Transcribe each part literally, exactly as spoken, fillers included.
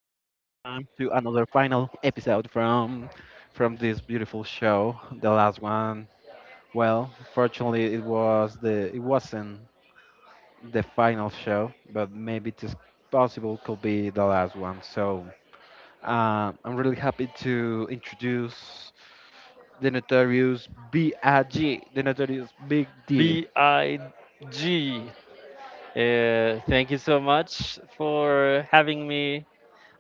to another final episode from from this beautiful show. The last one, well, fortunately, it was the it wasn't the final show, but maybe it is possible could be the last one. So uh, I'm really happy to introduce the notorious B I G. The notorious Big D. B I G. Uh, thank you so much for having me.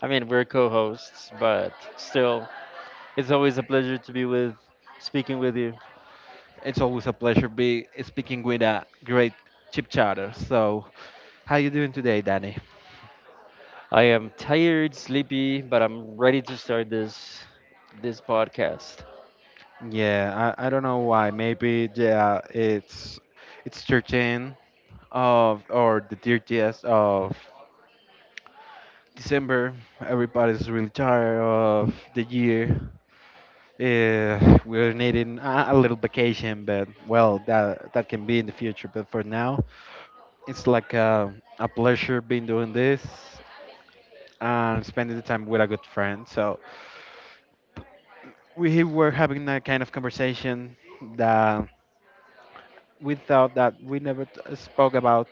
I mean, we're co hosts, but still, it's always a pleasure to be with, speaking with you. It's always a pleasure be speaking with a great chip chatter. So how you doing today, Danny? I am tired, sleepy, but I'm ready to start this this podcast. Yeah, I, I don't know why. Maybe yeah, it's it's thirteen of or the thirtieth of December. Everybody's really tired of the year. Yeah, we're needing a, a little vacation, but well, that that can be in the future. But for now, it's like a, a pleasure being doing this and spending the time with a good friend. So we were having that kind of conversation that without that we never t- uh, spoke about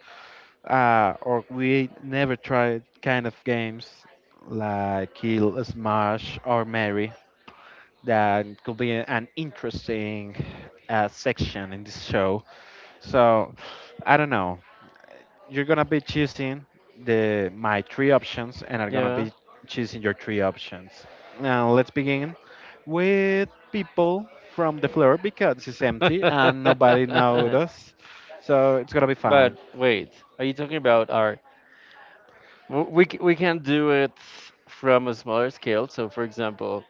uh, or we never tried kind of games like kill smash or marry that could be an interesting uh, section in this show so I don't know you're gonna be choosing the my three options and are gonna Yeah. be choosing your three options. Now let's begin with people from the floor because it's empty and nobody noticed. So it's gonna be fine. But wait, are you talking about our? w- We c- we can do it from a smaller scale. So, for example,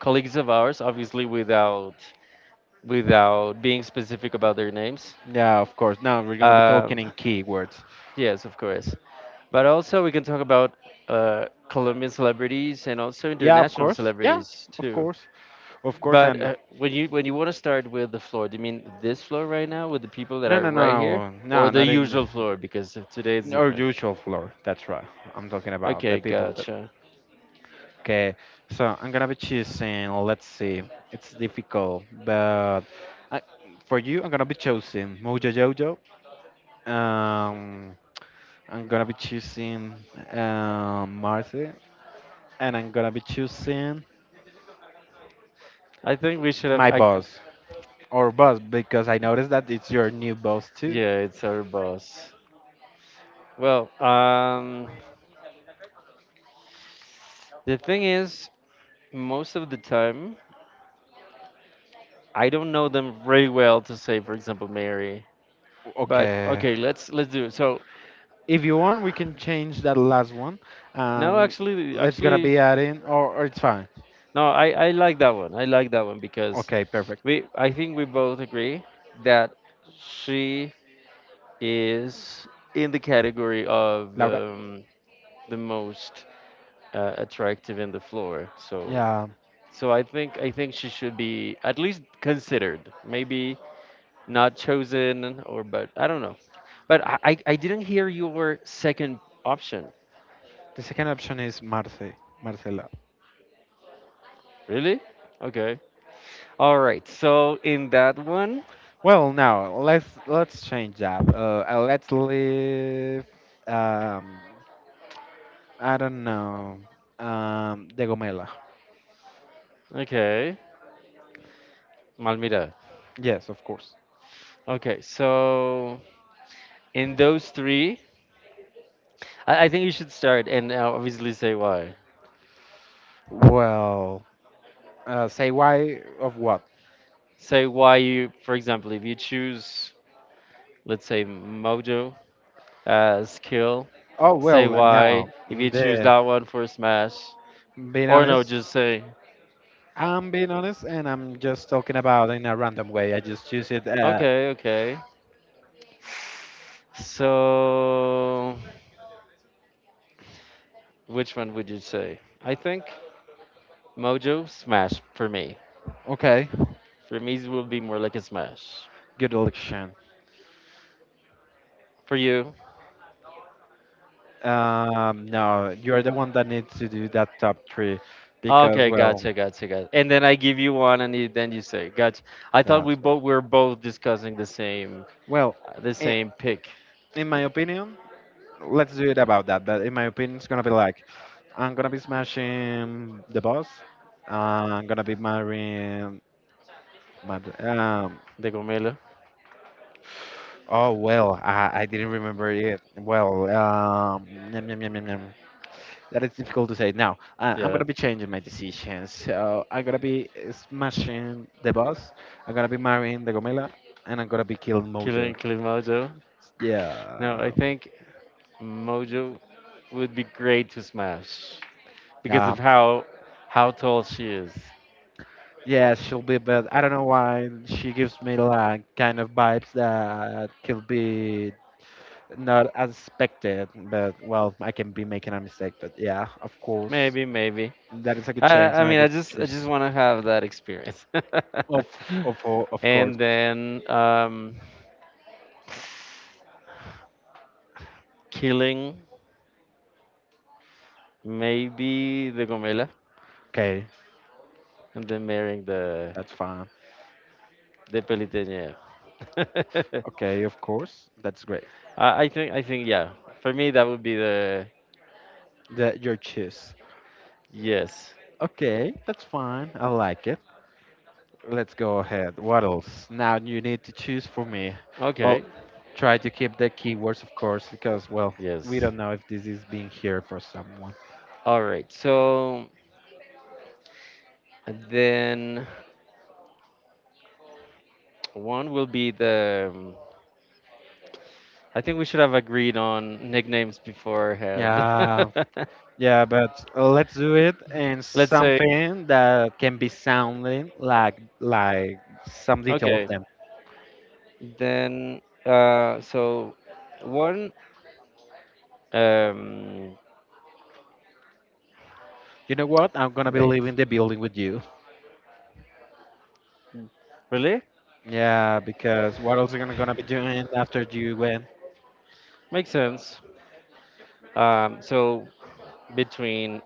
colleagues of ours, obviously without without being specific about their names. Yeah, of course. Now we're gonna be talking Um, in keywords. yes, of course. But also, we can talk about uh, Colombian celebrities and also Yeah, of international course. Yeah, celebrities of too. course. Of course But and uh, when you when you want to start with the floor, do you mean this floor right now with the people that no are no right here, no or no the not in the, usual floor? Because today it's our different. usual floor. That's right. I'm talking about the Okay, people. gotcha. Okay, so I'm gonna be choosing, let's see, it's difficult, but I, for you, I'm gonna be choosing Mojo Jojo. Um, I'm gonna be choosing um, Marcy, and I'm gonna be choosing I think we should have. my I, boss or boss because I noticed that it's your new boss too. yeah, it's our boss. Well, um, the thing is, most of the time, I don't know them very well to say, for example, Mary. But Okay, okay, let's let's do it. So if you want, we can change that last one, no, and actually, let's gonna actually, be adding, or, or it's fine. no, I I like that one. I like that one because Okay, perfect. we I think we both agree that she is in the category of Laura. um, the most uh, attractive in the floor. So Yeah. so I think I think she should be at least considered. Maybe not chosen or but I don't know. But I, I I didn't hear your second option. The second option is Marce, Marcela. Really? Okay. All right. So in that one, Well, now let's let's change that. Uh, uh, let's leave. Um, I don't know. Um, De Gomela. okay, Malmira. Yes, of course. Okay. So in those three, I, I think you should start and uh, obviously say why. Well, uh, say why of what? Say why you, for example, if you choose, let's say Mojo as skill, Oh say well, uh, no. why. If you choose The that one for Smash, being or no, honest, just say I'm being honest, and I'm just talking about in a random way. I just choose it. Uh, okay, okay. So, which one would you say? I think Mojo Smash for me. okay, For me, it will be more like a Smash. good election. For you? Um, no, you're the one that needs to do that top three because, Okay, well, gotcha, gotcha, gotcha. And then I give you one, and you, then you say, gotcha. I thought we that's right. both we were both discussing the same Well, the I same pick, in my opinion, let's do it about that. But in my opinion, it's gonna be like I'm gonna be smashing the boss. I'm gonna be marrying my um. De Gomelo. Oh well, I, I didn't remember it. Well, um, yum, yum, yum, yum, yum. That is difficult to say. Now, uh, I'm Yeah, gonna be changing my decisions. So I'm gonna be uh, smashing the boss. I'm gonna be marrying the Gomela, and I'm gonna be killing killing Mojo. killing Mojo. No, I Yeah, think Mojo would be great to Smash because yeah, of how how tall she is. yeah. She'll be, but I don't know why she gives me like kind of vibes that could be not as expected. But well, I can be making a mistake. But yeah, of course, Maybe, maybe. that is a good chance I I and a mean, I good just I just choice. want to have that experience. Of of of course. And then um, killing maybe the Gomela Okay, and then marrying the that's fine. the Peliteñera. Okay, of course. That's great. I, I think I think yeah. For me, that would be the That your cheese. yes. Okay, that's fine. I like it. Let's go ahead. What else? Now you need to choose for me. I'll Okay. try to keep the keywords, of course, because well, we Yes. don't know if this is being here for someone. All right. So then one will be the. um, I think we should have agreed on nicknames beforehand. Yeah, yeah, but uh, let's do it in Let's say something that can be sounding like like some detail of okay. them. Then, uh, so one, um, You know what? I'm gonna be wait, leaving the building with you. really? Yeah, because what else are you gonna gonna be doing after you went? Makes sense. Um, so between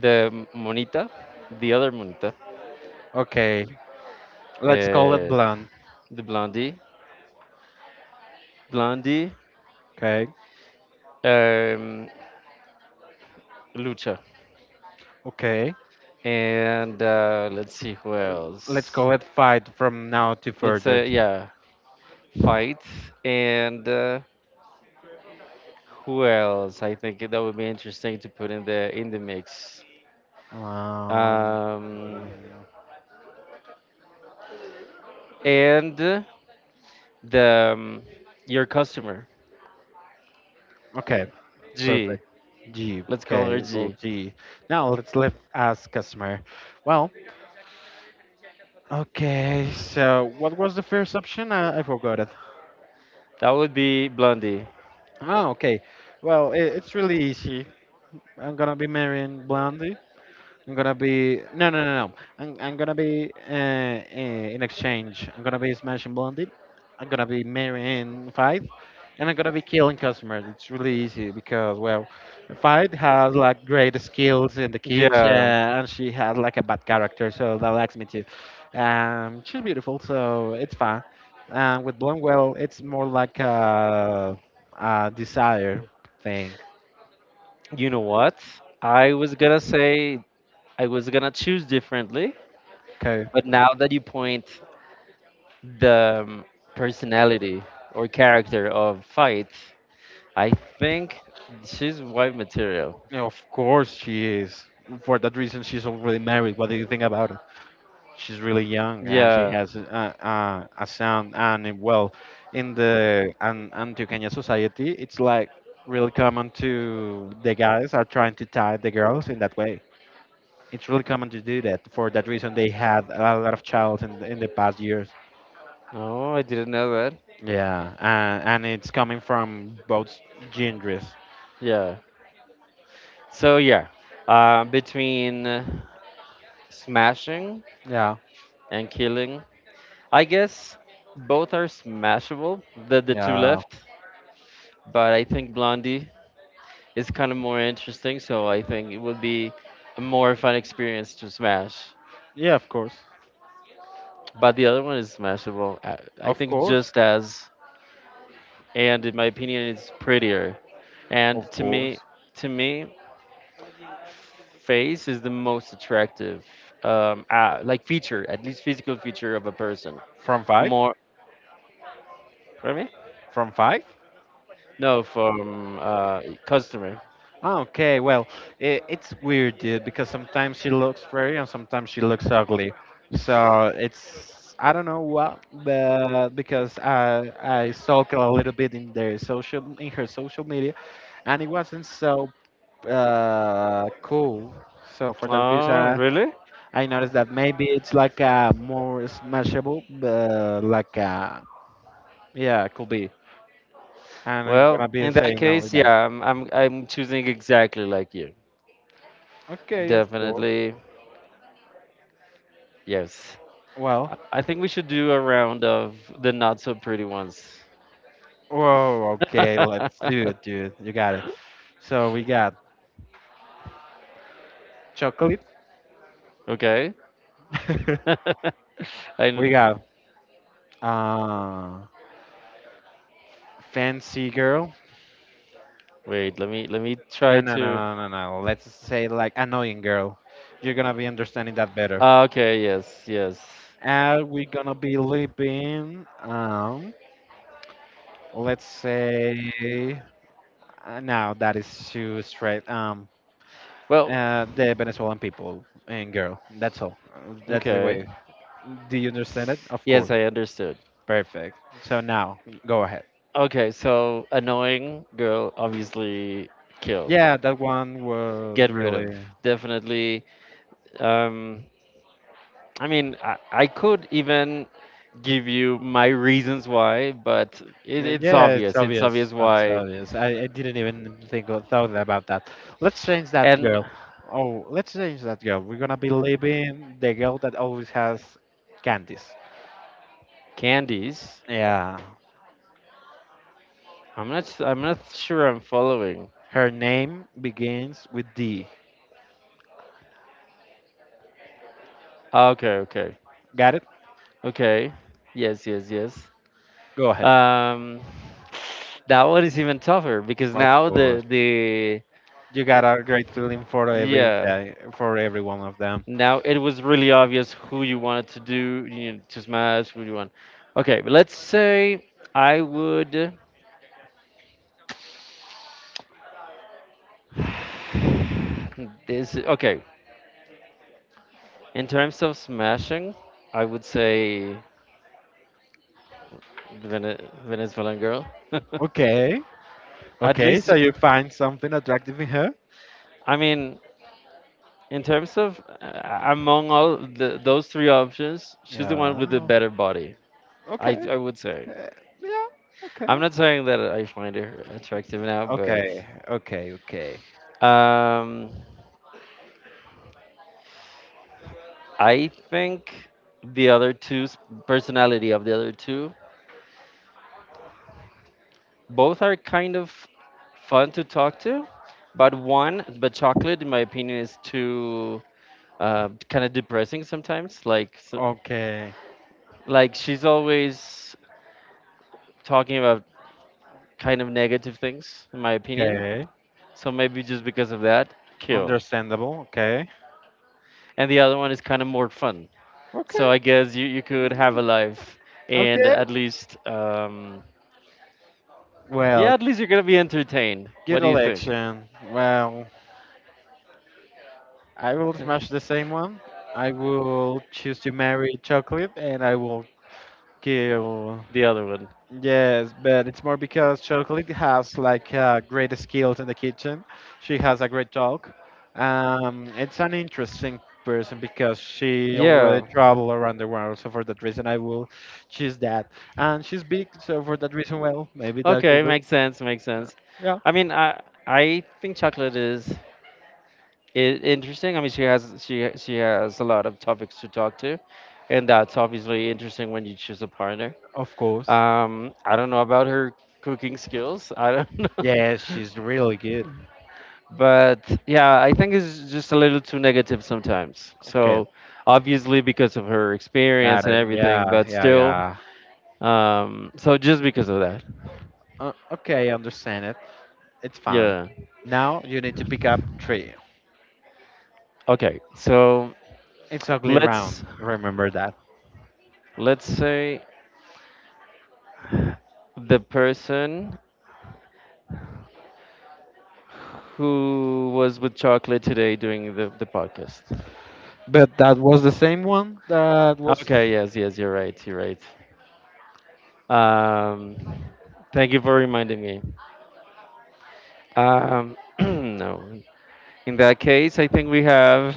the Monita, the other Monita, Okay, let's call it uh, blunt. the Blondie, Blondie, Okay, um, Lucha, okay. and uh, let's see who Uh, Let's else. go at five from now to Let's further. say, yeah, fight, and uh, who else? I think that would be interesting to put in the in the mix. Um, um, and the um, your customer okay, G. perfect. G, Let's call okay, her little G. G. Now let's leave as customer. Well, okay, so what was the first option? I, I forgot it. That would be Blondie. Oh, okay. Well, it, it's really easy. I'm gonna be marrying Blondie. I'm gonna be no no no no. I'm I'm gonna be uh, uh, in exchange. I'm gonna be smashing Blondie. I'm gonna be marrying Five, and I'm gonna be killing customers. It's really easy because well, Five has like great skills in the kitchen, Yeah. and she has like a bad character, so that likes me too. Um, she's beautiful, so it's fine. Um, with Blonde, well, it's more like a, a desire thing. You know what? I was gonna say I was gonna choose differently, but now that you point the um, personality or character of Fight, I think she's wife material. Yeah, of course she is. For that reason, she's already married. What do you think about it? She's really young and she Yeah. has a, a, a son. And uh, well, in the an, Antioqueña society, it's like really common to the guys are trying to tie the girls in that way. It's really common to do that. For that reason, they had a lot of child in, in the past years. Oh, I didn't know that. Yeah, uh, and it's coming from both genders. Yeah. So yeah, uh, between uh, smashing Yeah, and killing, I guess both are smashable. The the two yeah, left, but I think Blondie is kind of more interesting. So I think it would be a more fun experience to smash. yeah. Of course, But the other one is smashable. uh, I of think course, just as, and in my opinion, it's prettier. of And to me, course. to me, face is the most attractive, um, uh, like feature, at least physical feature of a person From five? more For me? From five? No, from uh, customer. Okay, well, I it's weird, dude, because sometimes she looks pretty and sometimes she looks ugly. So it's, I don't know what, but because I I stalked a little bit in their social, in her social media, and it wasn't so uh, cool. So for that Oh, reason, really? I noticed that maybe it's like a more smashable, uh, like a, yeah, could be, and it's gonna Well, be in that saying only case, that. yeah, I'm I'm I'm choosing exactly like you. Okay, of course. Definitely, yes. Well, I I think we should do a round of the not so pretty ones. whoa, okay, let's do it, dude. You got it. So we got chocolate. Okay. I We kn- got uh fancy girl. wait, let me let me No, try no, no, to no, no, no. Let's say like annoying girl. You're gonna be understanding that better. Ah, okay, yes, yes. And we're gonna be living um let's say uh, now that is too straight um Well, uh the Venezuelan people and girl. That's all. Uh, That's the okay. way. Do you understand it? Of Yes, course. I understood. Perfect. So now, go ahead. Okay, so annoying girl obviously kill. Yeah, that one was Get rid really. of. Definitely. Um, I mean, I, I could even give you my reasons why, but it, uh, it's Yeah, it's obvious. It's obvious. obvious It's why. obvious. I, I didn't even think or thought about that. Let's change that And girl. Oh, let's change that girl. We're gonna be leaving the girl that always has candies. candies. Yeah. I'm not. s- I'm not sure. I'm following. Her name begins with D. Ah, okay. Okay. Got it? Okay. Yes. Yes. Yes. Go ahead. Um, that one is even tougher because Of now the course. the You got a great feeling for every yeah day, for every one of them. Now it was really obvious who you wanted to do you know, to smash. Who you want? Okay, but let's say I would. This okay. In terms of smashing, I would say the Vene- Venezuelan girl. Okay. At Okay, least, so you find something attractive in her? I mean, in terms of uh, among all the, those three options, she's the one with the Yeah. better body. I Okay. I would say. Eh, yeah. Okay. I'm not saying that I find her attractive now, but Okay. Okay. Okay. um. I think the other two's personality of the other two, both are kind of fun to talk to, but one, but chocolate, in my opinion, is too uh, kind of depressing sometimes. Like, so, Okay. like she's always talking about kind of negative things, in my opinion. Okay. So maybe just because of that, kill. Understandable. Okay. And the other one is kind of more fun. So I Okay. guess you, you could have a life and Okay. at least um, yeah, Well, at least you're gonna be entertained. What good do you think? election. Well, I will smash the same one. I will choose to marry chocolate and I will kill. The other one. Yes, but it's more because Chocolate has like uh, great skills in the kitchen. She has a great talk. Um, it's an interesting person because she already Yeah. traveled around the world. So for that reason, I will choose that. And she's big, so for that reason, well, maybe that Okay, could be. makes sense, makes uh, sense. Yeah, I mean, I I think chocolate is i- interesting. I mean, she has she she has a lot of topics to talk to, and that's obviously interesting when you choose a partner. of course. Um, I don't know about her cooking skills. I don't know. Yes, she's really good. But yeah, I think it's just a little too negative sometimes. Okay, So obviously because of her experience got and it. everything, Yeah, but yeah, still, yeah. um, so just because of that. Uh, okay, I understand it. It's fine. Yeah. Now you need to pick up three. Okay. So It's ugly round. let's Remember. let's say the person who was with chocolate today doing the, the podcast. But that was the same one that Okay, was yes, yes, you're right, you're right. Um Thank you for reminding me. Um no. In that case I think we have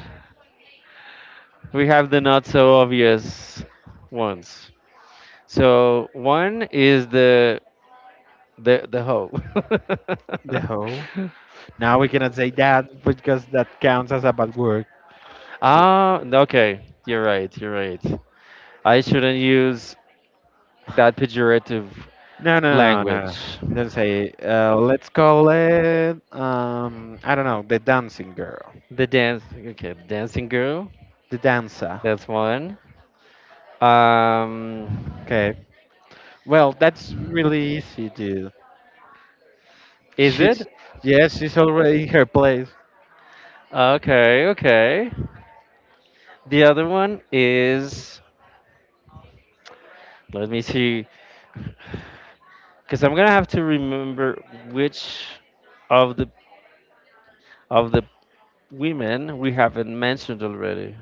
we have the not so obvious ones. So one is the the the hoe. the hoe. Now we cannot say that because that counts as a bad word. Ah, okay. You're right. You're right. I shouldn't use that pejorative No, no, no, no. language. Don't say. Uh, let's call it. Um, I don't know. The dancing girl. The dance, okay, the dancing girl. The dancer. That's one. Um, Okay. Well, that's really easy, dude. is She's it? Yes, she's already in her place. Okay, okay. The other one is. Let me see, because I'm gonna have to remember which of the of the women we haven't mentioned already.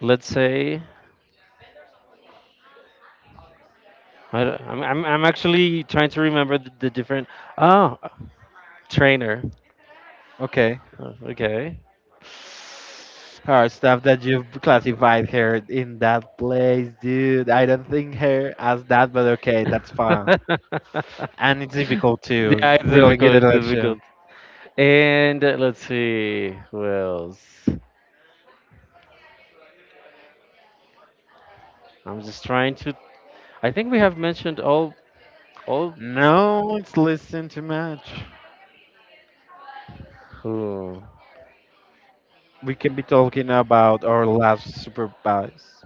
Let's say I, am I'm I'm I'm actually trying to remember the, the different. Oh, Trainer. Okay. Oh, okay. Her stuff that you've classified her in that place, dude. I don't think her as that, but okay, that's fine. Yeah, And it's difficult to it's really get difficult. a It's lecture. difficult. And uh, let's see who else. I'm just trying to. I think we have mentioned all all No, it's listen too much. who. We can be talking about our last supervise.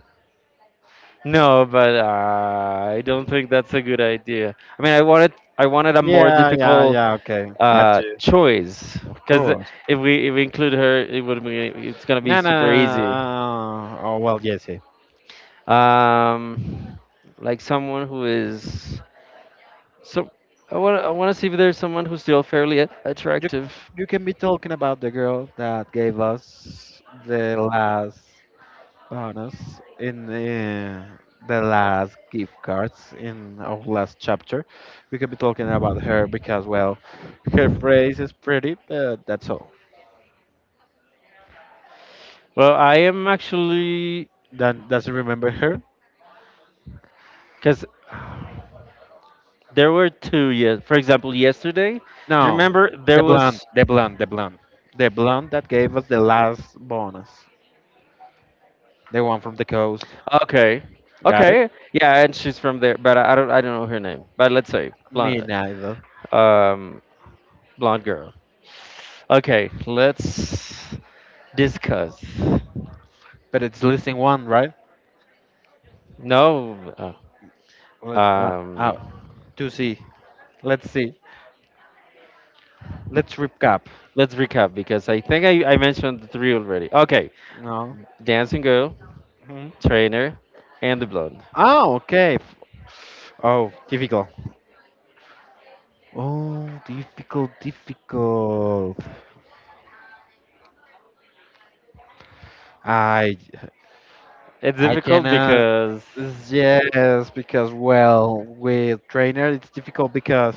No, but uh, I don't think that's a good idea. I mean, I wanted I wanted a more Yeah, yeah, difficult yeah. Okay, got uh, you. choice Of because course. if we if we include her, it would be it's gonna be No, no, super easy. no. no. Oh well, yes. Yeah. Um, like someone who is So I want I want to see if there's someone who's still fairly a- You attractive. you can be talking about the girl that gave us the last. Bonus in uh, the last gift cards in our last chapter. We could be talking about her because, well, her phrase is pretty, but that's all. Well, I am actually Then does not remember her? because there were two. Yes, for example, yesterday. Do you No, remember there the blonde, was? the blonde, the blonde, the blonde that gave us the last bonus, the one from the coast. Okay, Got it? okay, yeah, and she's from there, but I, I don't I don't know her name. But let's say Me blonde, neither. um, blonde girl. Okay, let's discuss. But it's listing one, right? No, uh, Let, uh, uh, um, to see. Let's see. Let's recap. let's recap because I think I I mentioned the three already. Okay, No. dancing girl, Hmm? trainer, and the blonde. Ah, okay. Oh, difficult. Oh, difficult, difficult. I It's I difficult cannot. because, Yes, because well, with trainer it's difficult because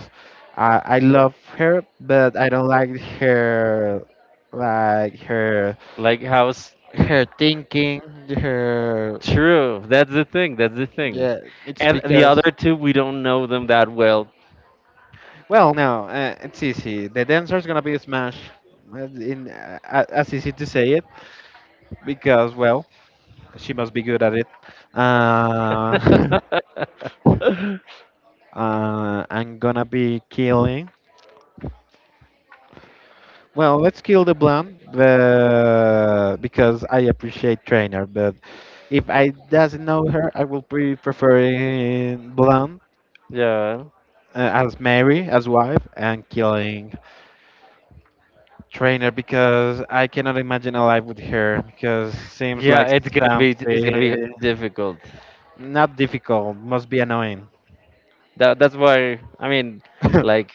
I I love her, but I don't like her, like her like, how's her thinking, her. true? That's the thing. That's the thing. Yeah, it's And the because other two, we don't know them that well. well, no, uh, it's easy. The dancer is gonna be a smash. Uh, In uh, a- as easy to say it because well, she must be good at it. Uh, uh, I'm gonna be killing. Well, let's kill the blonde the, because I appreciate trainer, but if I doesn't know her, I will pre preferring blonde Yeah, uh, as Mary as wife and killing trainer because I cannot imagine a life with her because seems yeah. like It's gonna be. It's gonna something be difficult. not difficult, must be annoying. That that's why. I mean, like,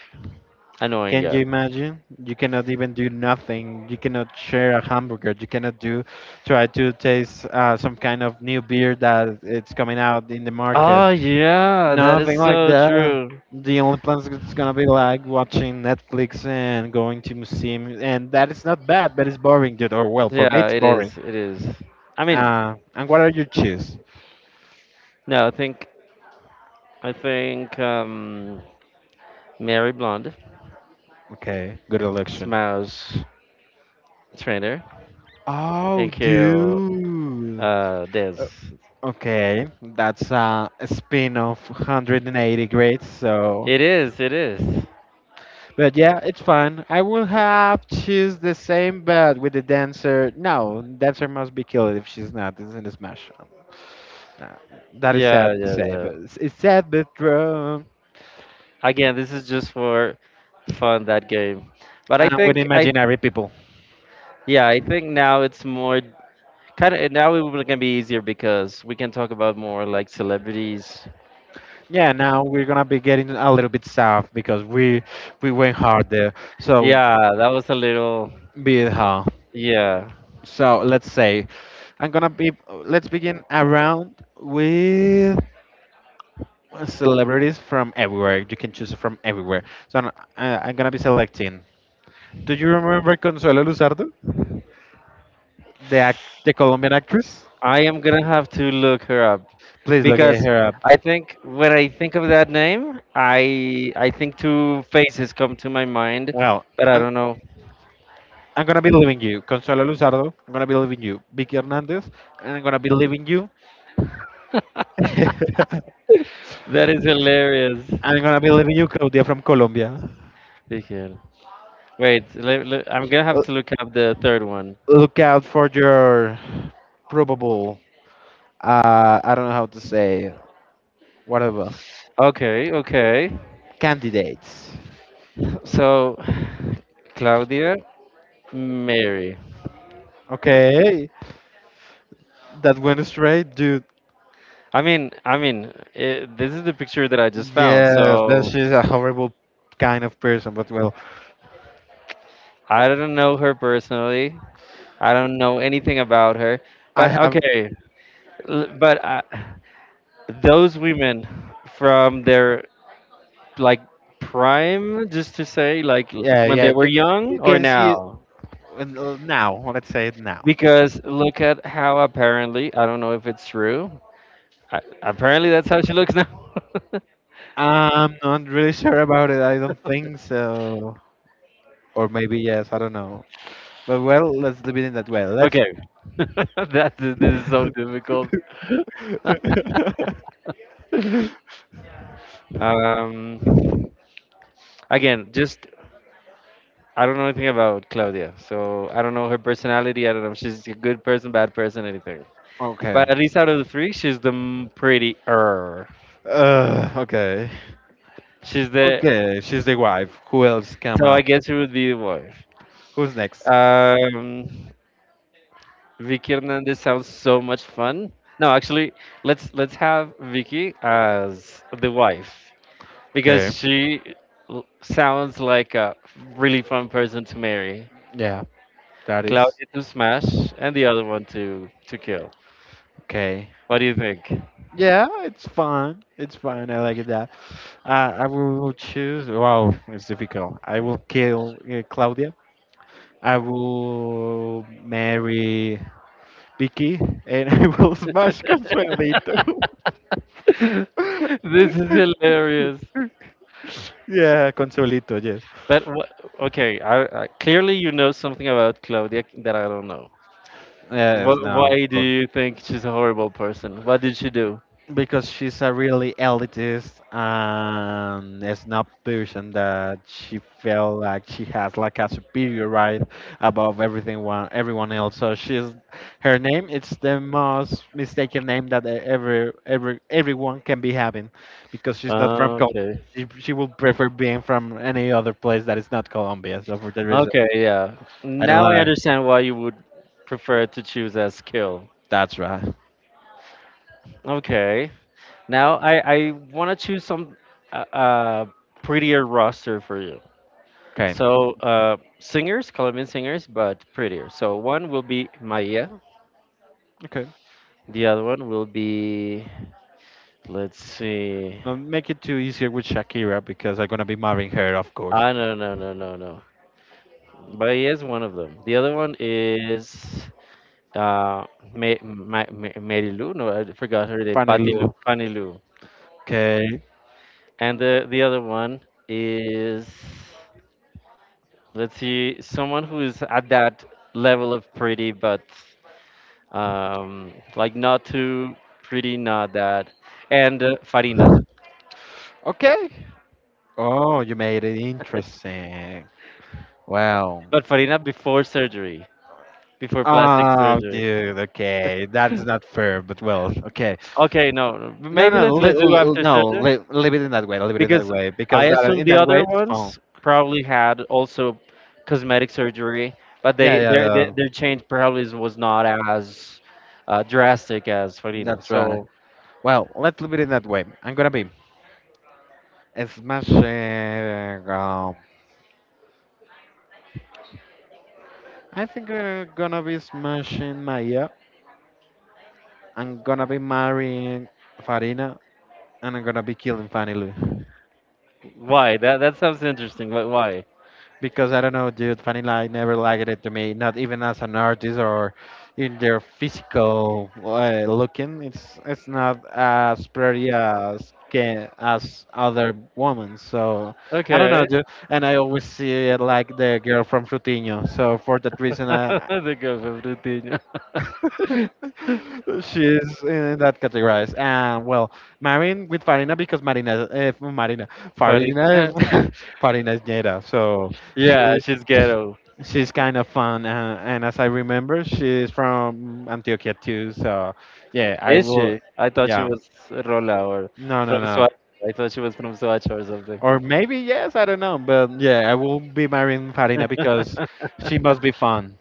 annoying. Can Yeah. you imagine? You cannot even do nothing. You cannot share a hamburger. You cannot do try to taste uh, some kind of new beer that it's coming out in the market. Oh yeah, that is Nothing like so that. true. The only plans is gonna be like watching Netflix and going to museum, and that is not bad, but it's boring, dude. Or well, for me Yeah, it's it boring. is. It is. I mean, Uh, and what are your cheese? no, I think I think um Mary Blonde Okay, good election. Smash Trainer Oh, and kill dude. uh Dez. Okay, that's uh, a spin of one hundred eighty grades. So, It is, it is. but yeah, it's fun. I will have choose the same, but with the dancer. No, dancer must be killed if she's not. It's in a smash. Um, uh, that is Yeah, sad to yeah, say, yeah. but it's, it's sad but true. Again, this is just for fun that game. But I And with think I imaginary people. yeah, I think now it's more kind of now it will gonna be easier because we can talk about more like celebrities. Yeah, now we're gonna be getting a little bit soft because we we went hard there. So Yeah, that was a little be it how. yeah. So let's say I'm gonna be. Let's begin around with uh, celebrities from everywhere. You can choose from everywhere. So I'm, uh, I'm gonna be selecting. Do you remember Consuelo Luzardo, the act, the Colombian actress? I am gonna have to look her up Please look at because her up. I think when I think of that name, I I think two faces come to my mind, Well, but I I'm, don't know. I'm gonna be leaving you, Consuelo Luzardo. I'm gonna be leaving you, Vicky Hernandez, and I'm gonna be leaving you. That is hilarious. I'm gonna be leaving you, Claudia from Colombia. Miguel. Wait, le- le- I'm gonna have L- to look up the third one. Look out for your probable. Uh, I don't know how to say whatever Okay, okay. candidates. So, Claudia, Mary. Okay, that went straight, dude. I mean, I mean, eh, this is the picture that I just found. Yes, but So she's a horrible kind of person. But well, I don't know her personally. I don't know anything about her. But I have. okay, L- but uh, those women from their like prime, just to say like l- Yeah, when yeah. they were You, young you or can see it now, in- uh, now. Let's say it now. because look at how apparently, I don't know if it's true. I, apparently that's how she looks now. I'm not really sure about it. I don't think so. Or maybe yes. I don't know. But well, let's leave it in that way. Let's. Okay. that this is so difficult. um Again, just, I don't know anything about Claudia, so I don't know her personality. I don't know if she's a good person, bad person, anything. But at Okay. least out of the three, she's the m- pretty er. Uh, okay. She's the, Okay. She's the wife. Who else come so I up? guess it would be the wife. Who's next? Um, Vicky Hernandez sounds so much fun. No, actually, let's let's have Vicky as the wife because Okay. she l- sounds like a really fun person to marry. Yeah. That is Claudia to smash, and the other one to to kill. okay. What do you think? Yeah, it's fine. It's fine. I like it. Uh, I will choose. Wow, it's difficult. I will kill uh, Claudia. I will marry Vicky, and I will smash Consuelito. This is hilarious. Yeah, Consuelito. Yes. But what, okay, I, I, clearly you know something about Claudia that I don't know. Yes. Wh No, Why do you think she's a horrible person? What did she do? because she's a really elitist and a snob person that she felt like she has like a superior right above everything one everyone else. So she's her name. It's the most mistaken name that e- every every everyone can be having, because she's not from Colombia. Okay. She she would prefer being from any other place that is not Colombia. So for that reason, Okay, yeah. I don't Now I lie. understand why you would prefer to choose a skill. That's right. Okay. Now I, I want to choose some uh, uh, prettier roster for you. Okay. So uh, singers, Colombian singers, but prettier. So one will be Maya. Okay. The other one will be, let's see. Now make it too easier with Shakira because I'm gonna be marrying her, of course. Ah, no, no, no, no, no. But he is one of them. The other one is uh, Ma- Ma- Ma- Mary Lou. No, I forgot her name. Funny Patty Lou, look. Fanny Lou. Okay. And the the other one is, let's see, someone who is at that level of pretty, but um, like not too pretty, not that. And uh, Farina, Okay. Oh, you made it interesting. Well, but Farina before surgery, before plastic oh, surgery. dude. Okay, that's not fair, but well, okay. Okay, no, no, No, no, maybe let's li- let's do l- after no. surgery, Li- leave it in that way. Leave it in that because way I because that assume in the that way other it's fun. ones probably had also cosmetic surgery, but Yeah, they yeah, their their, yeah. their change probably is- was not as uh, drastic as Farina. That's right. So Well, let's leave it in that way. I'm gonna be smashing. Um, I think I'm gonna be smashing Maya. I'm gonna be marrying Farina, and I'm gonna be killing Fanny Lou. why, that that sounds interesting, but why? Because I don't know, dude. Vanilla never liked it to me, not even as an artist or in their physical uh, looking. It's it's not as pretty as can, as other women. So I don't know, Okay. dude. And I always see it like the girl from Frutinho. So for that reason, I The girl from Rutinha. she's in that category. And well, marrying with Farina because Marina, uh, Marina, Funny. Farina, Farina is Jada. So Yeah, she's she, ghetto. she's kind of fun. Uh, and as I remember, she's from Antioquia too. So yeah, I Is will. she? I thought she Yeah, was Rola or no, no, from no. Swat. I thought she was from Swatch or something. Or maybe yes, I don't know. But yeah, I will be marrying Farina because she must be fun.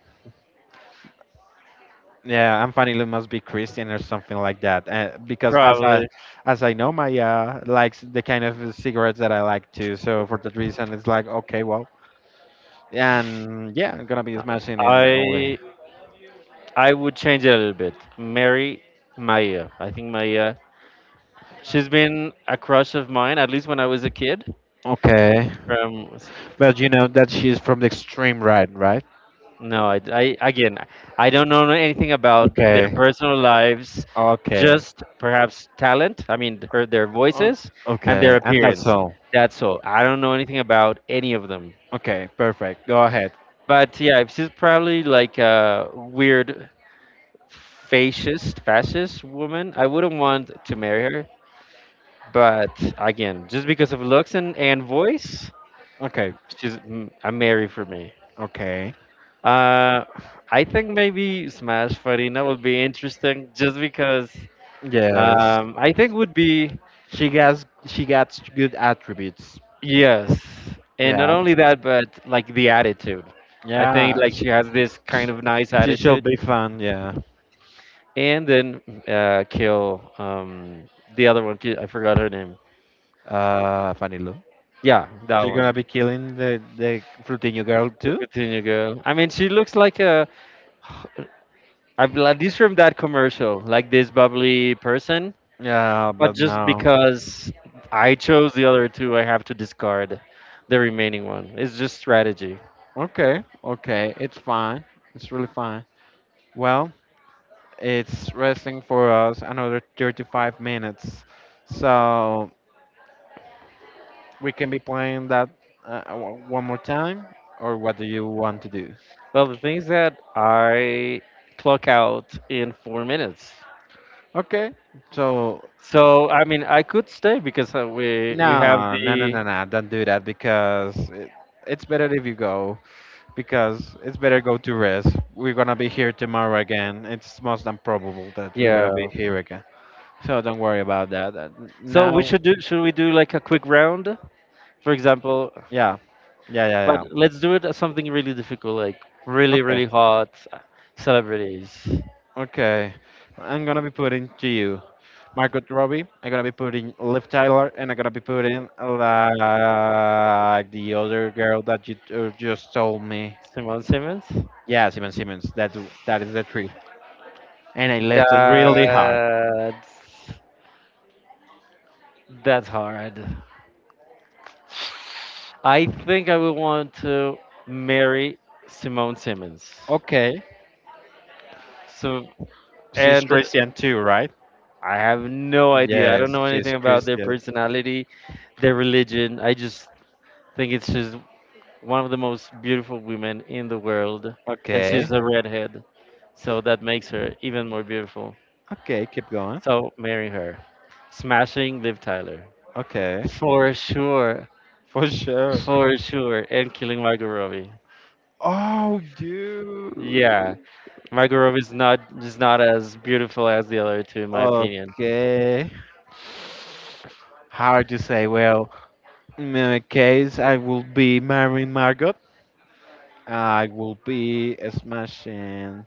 Yeah, I'm finding it must be Christian or something like that. Uh, because as I, Probably. as I know, Maya likes the kind of cigarettes that I like too. So for that reason, it's like okay, well, and yeah, I'm gonna be smashing in only. I I would change it a little bit. Marry Maya. I think Maya. She's been a crush of mine at least when I was a kid. Okay, From s- but you know that she's from the extreme right, right? no, I, I again, I don't know anything about their Okay, personal lives. okay, Just perhaps talent. I mean, her their O- voices and their okay, and that's appearance. all. That's all. I don't know anything about any of them. Okay, perfect. Go ahead. But yeah, if she's probably like a weird fascist, fascist woman, I wouldn't want to marry her. But again, just because of looks and, and voice, Okay, she's mm, a Mary for me. okay. Uh, I think maybe Smash Farina would be interesting just because Yes, um, I think would be she has she gets good attributes. yes, and not Yeah, only that, but like the attitude. I think yeah. like she has this kind of nice She attitude, should be fun, yeah. and then uh, kill um, the other one. ki- I forgot her name. Uh, funny look. Yeah, that She's gonna one. be killing the the Frutinho girl The too. Coutinho girl. I mean, she looks like a, I've like this from that commercial, like this bubbly person, Yeah, but but just no. because I chose the other two, I have to discard the remaining one. It's just strategy. Okay, okay, it's fine. It's really fine. Well, it's resting for us another thirty-five minutes, so we can be playing that uh, o- one more time. Or what do you want to do? Well, the things that I clock out in four minutes. Okay, so So I mean, I could stay because uh, we we have no, no, no, the, no, no. Don't do that because it, it's better if you go. Because it's better go to rest. We're gonna be here tomorrow again. It's most improbable that we're gonna be yeah. here again. So don't worry about that. Uh, So we Now, should do, should we do like a quick round, for example? yeah, yeah, But yeah, yeah. let's do it as something really difficult, like really Okay, really hot celebrities. okay. I'm gonna be putting to you Margot Robbie. I'm gonna be putting Liv Tyler, and I'm gonna be putting like the other girl that you uh, just told me. Simone Simmons. Yeah, Simon Simmons. That that is the tree. And I left it really hard. That's that's hard. I think I would want to marry Simone Simmons. Okay, So, she's and Christian too, right? I have no idea. I don't Yes, know she's anything about their Christian. personality, their religion. I just think it's just one of the most beautiful women in the world, and she's Okay. a redhead, so that makes her even more beautiful. Okay, keep going. So marry her. Smashing Liv Tyler. Okay. For sure. For sure. For sure, and killing Margot Robbie. Oh, Yeah, dude. Margot Robbie is not is not as beautiful as the other two, in my opinion. Okay. Hard to say. Well, in my case, I will be marrying Margot. I will be smashing.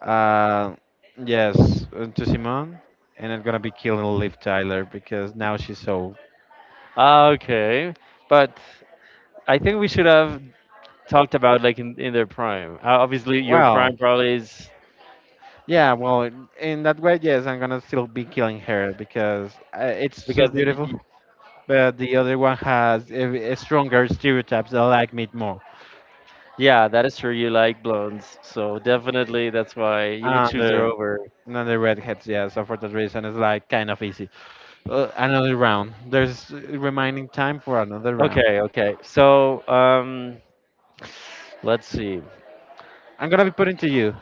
Uh, yes, uh, to Simone, and I'm gonna be killing Liv Tyler because now she's so Ah, okay, but I think we should have talked about like in, in their prime. Uh, Obviously, your well. prime probably is, Yeah, well, in in that way, yes, I'm gonna still be killing her because uh, it's so because y- beautiful. y- But the other one has a, a stronger stereotypes that like me more. yeah, that is true. You like blondes, so definitely that's why you would And choose her the over. and redheads, yeah. So for that reason, it's like kind of easy. Uh, another round. There's remaining time for another round. Okay, okay. So um, let's see. I'm gonna be putting to you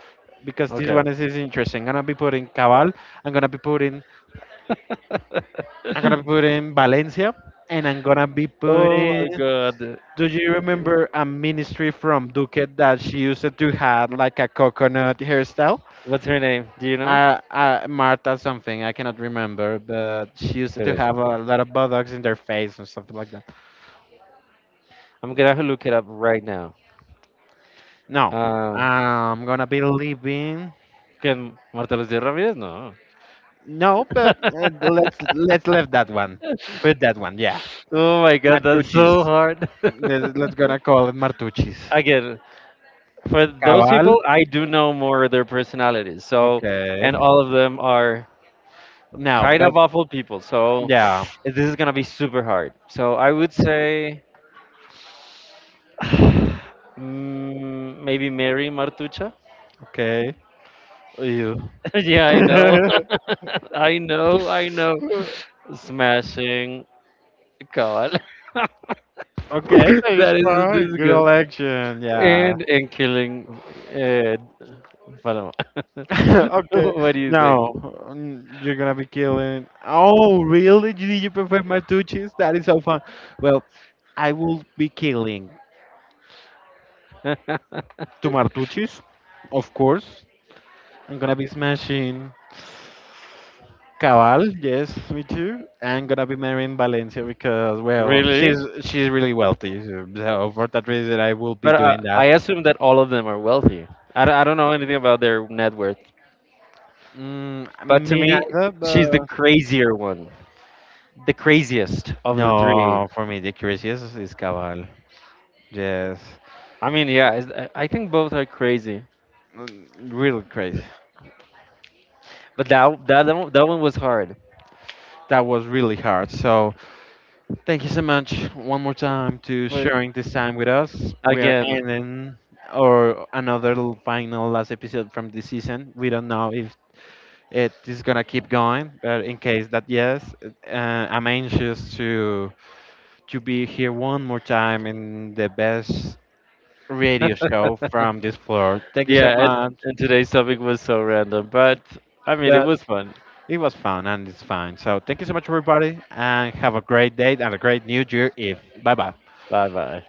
because this Okay. one is, is interesting. I'm gonna be putting Cabal. I'm gonna be putting. I'm gonna be putting Valencia, and I'm gonna be Oh putting. my God. Do you remember a ministry from Duque that she used to have like a coconut hairstyle? What's her name? Do you know? Uh, uh, Martha something, I cannot remember, but she used to Teresa. have a lot of buttocks in their face or something like that. I'm gonna have to look it up right now. No, Uh, I'm gonna be leaving. can Marta Lucía Ramírez? No. No, but uh, let's let's leave that one. Put that one, yeah. Oh my god, that's Martucci's. so hard. Let's let's gonna call it Martucci's. Again, for those Cabal. people, I do know more of their personalities. So, and Okay. all of them are No, kind but of awful people. So, yeah. this is gonna be super hard. So, I would say mm, maybe Mary Martucha. Okay. You. Yeah, I know. I know. I know. Smashing God. Okay, that is That is fine. this Good good. election. Yeah. And and killing. Uh, Paloma. Okay. What do you think? No, mm, you're gonna be killing. Oh, really? You- did you prefer Martucci's? That is so fun. Well, I will be killing two Martucci's, of course. I'm gonna be smashing Cabal. Yes, me too. I'm gonna be marrying Valencia because, well, Really? she's she's really wealthy. So so for that reason, I will be But I, doing that. I assume that all of them are wealthy. I, don't- I don't know anything about their net worth. Mm, But to me me, neither, she's the but. crazier one, the craziest of the three. No, for me, the craziest is is Cabal. Yes, I mean, yeah, is- I I think both are crazy. mm, really crazy. But that that one, that one was hard. That was really hard. So, thank you so much one more time to For sharing this time with us. We are again, ending or another l- final last episode from this season. We don't know if it is gonna keep going, but in case that yes, uh, I'm anxious to to be here one more time in the best radio show from this floor. Thank you so yeah, and, much. and today's topic was so random, but I mean Bye. it was fun. It was fun and it's fine. So thank you so much, everybody, and have a great day and a great new year. If bye bye. Bye bye.